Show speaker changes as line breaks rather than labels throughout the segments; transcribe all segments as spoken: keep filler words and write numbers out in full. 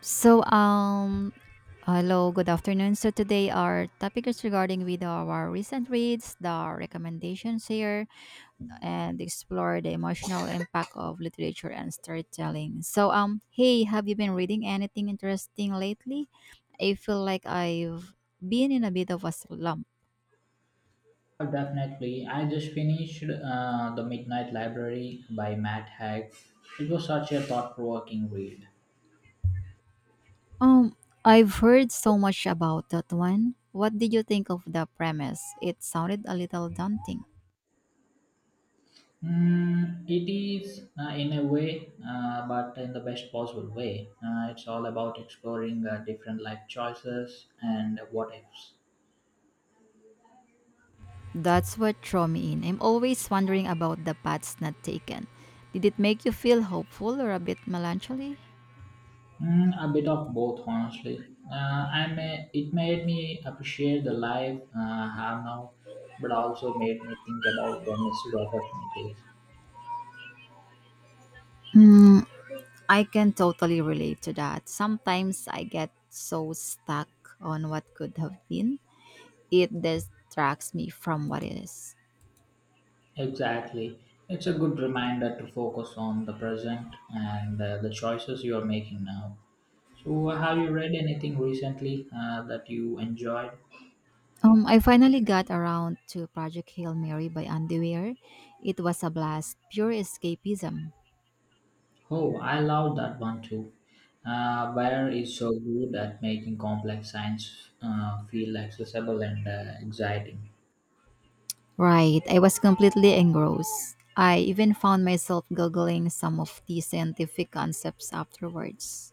So, um, Hello, good afternoon. So today our topic is regarding with our recent reads, the recommendations here, and explore the emotional impact of literature and storytelling. So, um, hey, have you been reading anything interesting lately? I feel like I've been in a bit of a slump.
Oh, definitely. I just finished uh, The Midnight Library by Matt Haig. It was such a thought provoking read.
Um, I've heard so much about that one. What did you think of the premise? It sounded a little daunting.
Mm, it is, uh, in a way, uh, but in the best possible way. Uh, it's all about exploring uh, different life choices and what ifs.
That's what drew me in. I'm always wondering about the paths not taken. Did it make you feel hopeful or a bit melancholy?
Mm, a bit of both, honestly. Uh, I may, it made me appreciate the life uh, I have now, but also made me think about the missed opportunities.
Hmm, I can totally relate to that. Sometimes I get so stuck on what could have been, it distracts me from what is.
Exactly. It's a good reminder to focus on the present and uh, the choices you are making now. So, have you read anything recently uh, that you enjoyed?
Um, I finally got around to Project Hail Mary by Andy Weir. It was a blast, pure escapism.
Oh, I love that one too. Uh, Bayer is so good at making complex science uh, feel accessible and uh, exciting.
Right, I was completely engrossed. I even found myself googling some of the scientific concepts afterwards.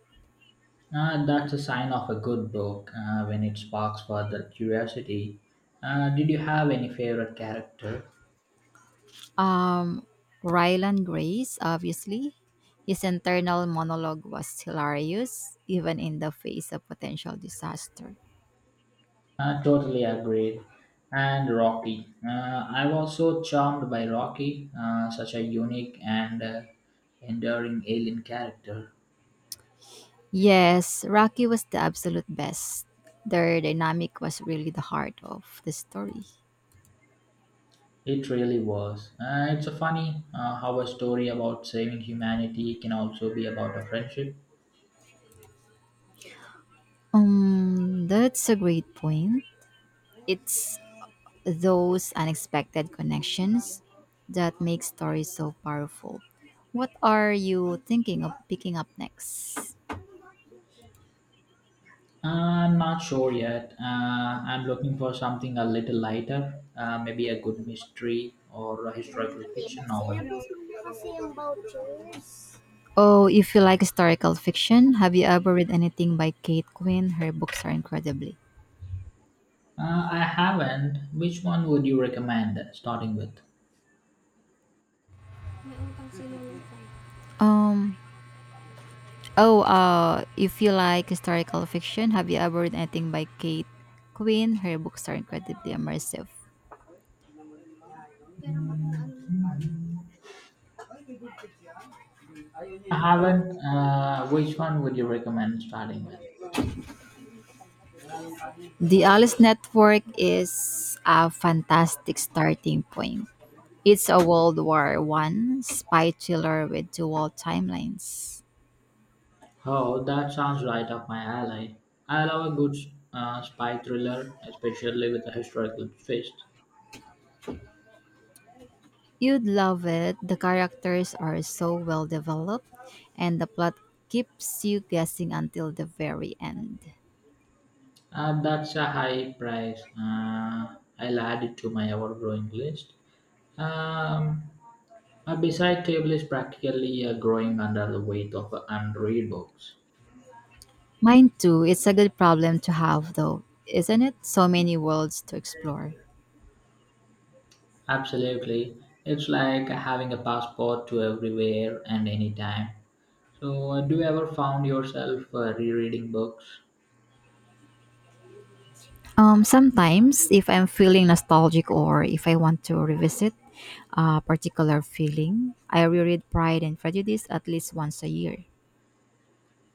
Uh, that's a sign of a good book uh, when it sparks further curiosity. Uh, did you have any favorite character?
Um, Ryland Grace, obviously, his internal monologue was hilarious, even in the face of potential disaster.
Uh, totally agreed. And Rocky. Uh, I was so charmed by Rocky, uh, such a unique and uh, enduring alien character.
Yes, Rocky was the absolute best. Their dynamic was really the heart of the story.
It really was. Uh, it's a funny uh, how a story about saving humanity can also be about a friendship.
Um, that's a great point. It's those unexpected connections that make stories so powerful. What are you thinking of picking up next?
Uh, I'm not sure yet. Uh, I'm looking for something a little lighter, uh, maybe a good mystery or a historical fiction novel.
Oh, if you like historical fiction, have you ever read anything by Kate Quinn? Her books are incredibly.
Uh, I haven't. Which one would you recommend starting with?
Um. Oh. Uh. If you like historical fiction, have you ever read anything by Kate Quinn? Her books are incredibly immersive.
I haven't. Uh, which one would you recommend starting with?
The Alice Network is a fantastic starting point. It's a World War One spy thriller with dual timelines.
Oh, that sounds right up my alley. I love a good uh, spy thriller, especially with a historical twist.
You'd love it. The characters are so well developed, and the plot keeps you guessing until the very end.
Uh, that's a high price. Uh, I'll add it to my ever-growing list. Um, a beside table is practically uh, growing under the weight of unread books.
Mine too. It's a good problem to have, though, isn't it? So many worlds to explore.
Absolutely. It's like having a passport to everywhere and anytime. So, uh, do you ever found yourself uh, rereading books?
Um, sometimes, if I'm feeling nostalgic or if I want to revisit a particular feeling, I reread Pride and Prejudice at least once a year.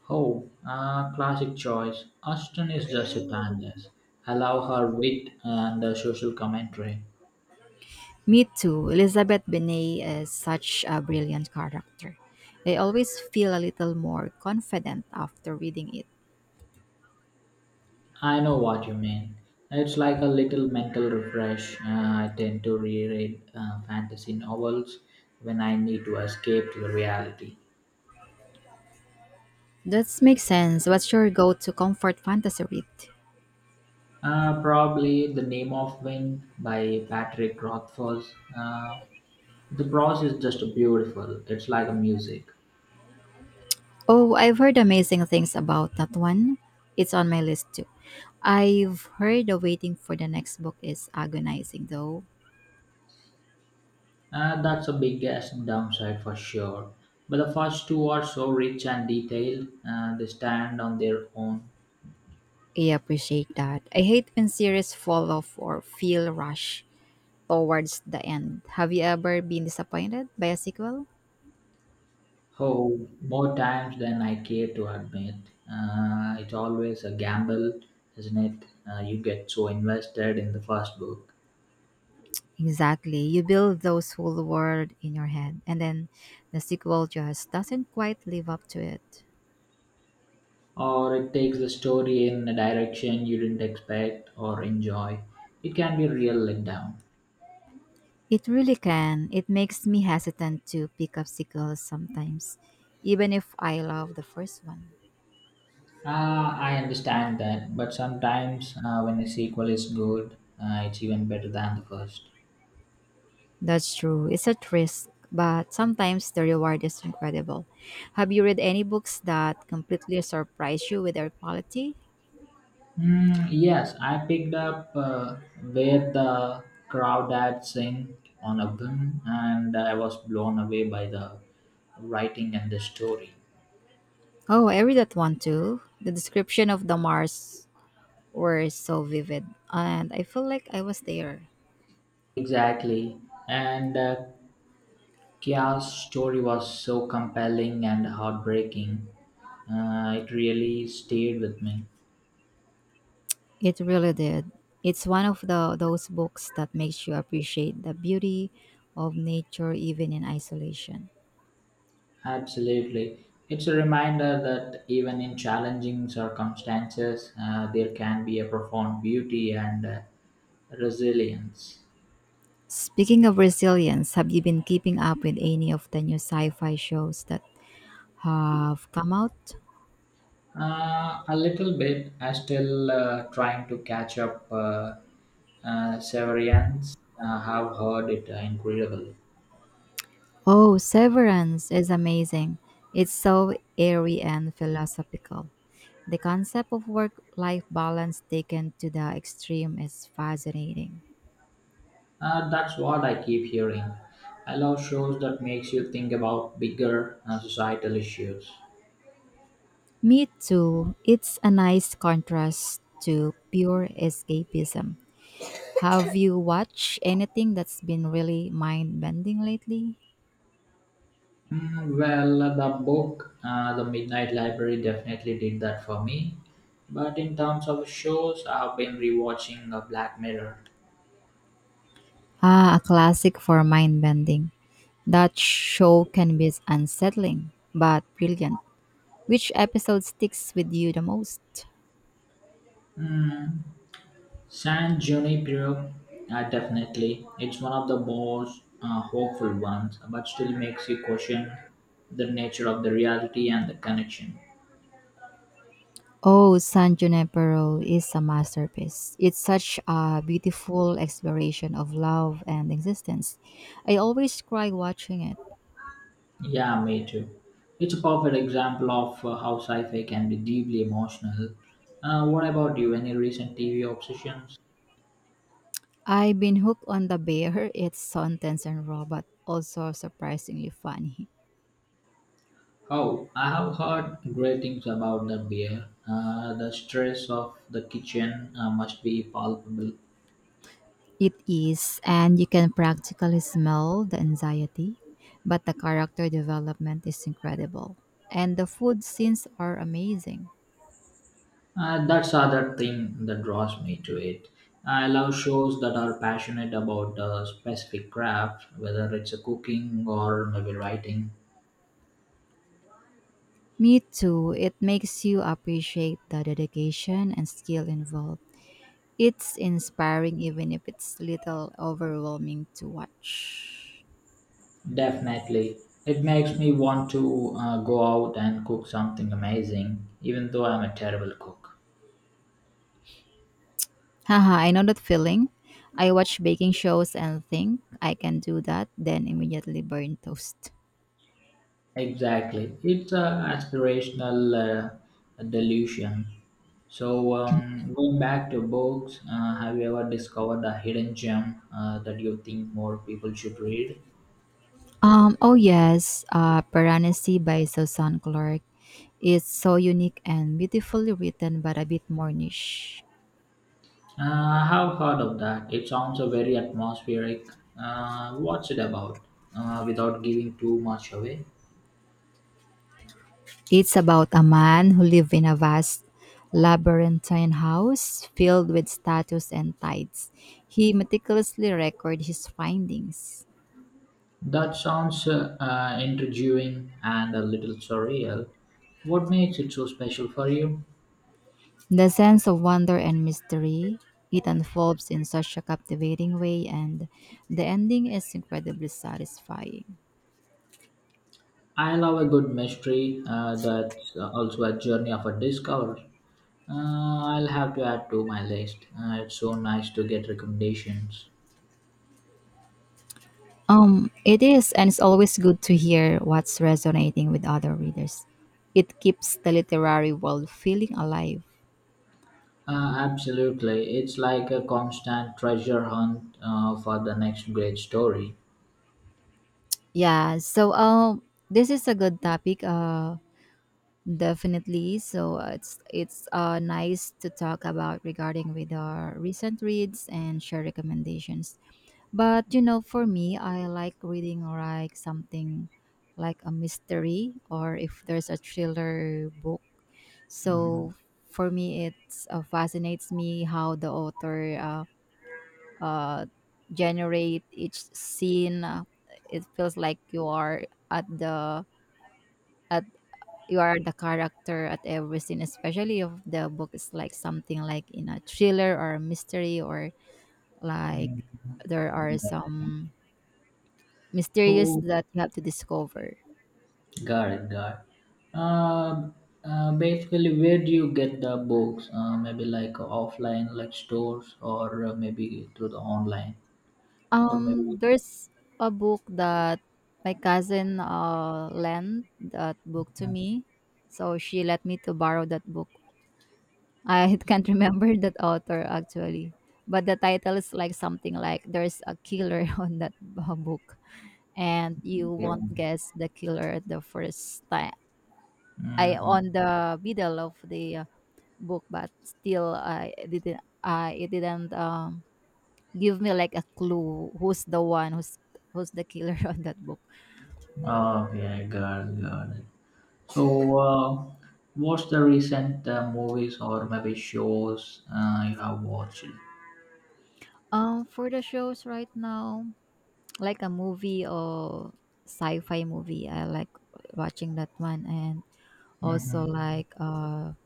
Oh, uh, classic choice. Austen is just a timeless. I love her wit and uh, social commentary.
Me too. Elizabeth Bennet is such a brilliant character. I always feel a little more confident after reading it.
I know what you mean. It's like a little mental refresh. Uh, I tend to reread uh, fantasy novels when I need to escape to the reality.
That makes sense. What's your go to comfort fantasy read?
Uh, probably The Name of Wind by Patrick Rothfuss. Uh, the prose is just beautiful. It's like a music.
Oh, I've heard amazing things about that one. It's on my list too. I've heard the waiting for the next book is agonizing though.
Uh, that's a biggest downside for sure. But the first two are so rich and detailed, uh, they stand on their own.
I appreciate that. I hate when series fall off or feel rushed towards the end. Have you ever been disappointed by a sequel?
Oh, more times than I care to admit. Uh, it's always a gamble, isn't it? Uh, you get so invested in the first book.
Exactly. You build those full world in your head and then the sequel just doesn't quite live up to it.
Or it takes the story in a direction you didn't expect or enjoy. It can be a real letdown.
It really can. It makes me hesitant to pick up sequels sometimes, even if I love the first one.
Uh, I understand that, but sometimes uh, when a sequel is good, uh, it's even better than the first.
That's true. It's at risk, but sometimes the reward is incredible. Have you read any books that completely surprise you with their quality?
Mm, yes, I picked up uh, where the crowd had sang on a whim, and I was blown away by the writing and the story.
Oh, I read that one too. The description of the Mars were so vivid, and I feel like I was there.
Exactly, and uh, Kia's story was so compelling and heartbreaking. Uh, it really stayed with me.
It really did. It's one of the those books that makes you appreciate the beauty of nature even in isolation.
Absolutely. It's a reminder that even in challenging circumstances, uh, there can be a profound beauty and uh, resilience.
Speaking of resilience, have you been keeping up with any of the new sci-fi shows that have come out?
Uh, a little bit. I still uh, trying to catch up. Uh, uh, Severance. Uh, have heard it uh, incredible.
Oh, Severance is amazing. It's so airy and philosophical. The concept of work-life balance taken to the extreme is fascinating.
Uh, that's what I keep hearing. I love shows that makes you think about bigger uh, societal issues.
Me too. It's a nice contrast to pure escapism. Have you watched anything that's been really mind bending lately?
Mm, well, uh, the book, uh, The Midnight Library, definitely did that for me. But in terms of shows, I've been rewatching uh, Black Mirror.
Ah, a classic for mind bending. That show can be unsettling, but brilliant. Which episode sticks with you the most?
Mm, San Junipero, uh, definitely. It's one of the most uh, hopeful ones, but still makes you question the nature of the reality and the connection.
Oh, San Junipero is a masterpiece. It's such a beautiful exploration of love and existence. I always cry watching it.
Yeah, me too. It's a perfect example of uh, how sci-fi can be deeply emotional. Uh, what about you? Any recent T V obsessions?
I've been hooked on The Bear. It's sentence and robot, also surprisingly funny.
Oh, I have heard great things about the beer. Uh, the stress of the kitchen uh, must be palpable.
It is, and you can practically smell the anxiety, but the character development is incredible. And the food scenes are amazing.
Uh, that's other thing that draws me to it. I love shows that are passionate about a specific craft, whether it's a cooking or maybe writing.
Me too, it makes you appreciate the dedication and skill involved. It's inspiring even if it's little overwhelming to watch.
Definitely, it makes me want to uh, go out and cook something amazing, even though I'm a terrible cook.
Haha, I know that feeling. I watch baking shows and think I can do that, then immediately burn toast.
Exactly, it's an aspirational uh, delusion. So, um, going back to books, uh, have you ever discovered a hidden gem uh, that you think more people should read?
Um, oh yes, uh, Piranesi by Susan Clark is so unique and beautifully written but a bit more niche.
Uh, I have heard of that. It sounds a very atmospheric. Uh, what's it about? Uh, without giving too much away.
It's about a man who lives in a vast labyrinthine house filled with statues and tides. He meticulously records his findings.
That sounds uh, uh, intriguing and a little surreal. What makes it so special for you?
The sense of wonder and mystery it unfolds in such a captivating way, and the ending is incredibly satisfying.
I love a good mystery uh, that's also a journey of a discovery. Uh, I'll have to add to my list. Uh, it's so nice to get recommendations.
Um, it is, and it's always good to hear what's resonating with other readers. It keeps the literary world feeling alive.
Uh, absolutely. It's like a constant treasure hunt uh, for the next great story.
Yeah, so um, this is a good topic. Uh, definitely. So uh, it's it's uh nice to talk about regarding with our recent reads and share recommendations. But you know, for me, I like reading like something like a mystery or if there's a thriller book.
Mhm.
So for me, it uh, fascinates me how the author uh, uh, generate each scene. Uh, It feels like you are at the at you are the character at every scene, especially if the book is like something like in a thriller or a mystery or like there are
Yeah.
some mysterious
So,
that you have to discover.
got it, got it. Um, uh, Basically, where do you get the books? Uh, maybe like offline, like stores, or uh, maybe through the online, or maybe.
Um, there's a book that my cousin uh lent that book to me, so she let me to borrow that book. I can't remember that author actually, but the title is like something like "There's a killer on that uh, book," and you won't guess the killer at the first time. I
Mm-hmm.
on the middle of the uh, book, but still I didn't. I it didn't um give me like a clue who's the one who's who's the killer on that book.
Okay, got it, got it. So, uh, what's the recent uh, movies or maybe shows uh, you have watched?
Um, for the shows right now, like a movie or sci-fi movie, I like watching that one, and also
Mm-hmm.
like a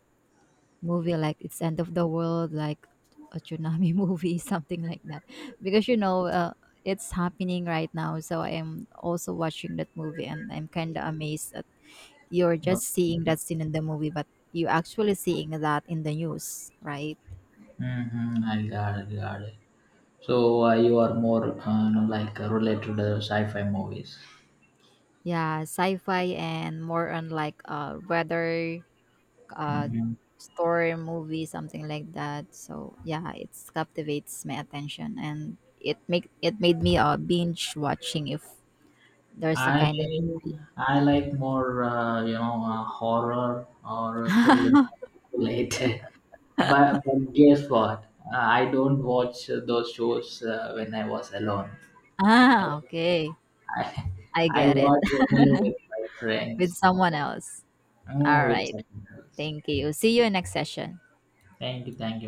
movie like it's end of the world, like a tsunami movie, something like that, because you know uh, it's happening right now. So I am also watching that movie, and I'm kind of amazed that you're just
Okay.
seeing that scene in the movie, but you actually seeing that in the news, right?
Mm-hmm. I got it, got it. So uh, you are more uh, you know, like uh, related to sci-fi movies.
Yeah, sci-fi and more on like uh weather uh
Mhm.
story movie something like that. So yeah, it's captivates my attention and it make it made me uh binge watching if there's a
I
kind of
I like more uh, you know uh, horror or thrilling related. But, but guess what? Uh, I don't watch those shows uh, when I was alone. I,
Ah, okay.
I,
I
I
get it.
watch only with my
With
friends
someone else. All
or with
right.
someone else.
Thank you. See you in next session.
Thank you, thank you.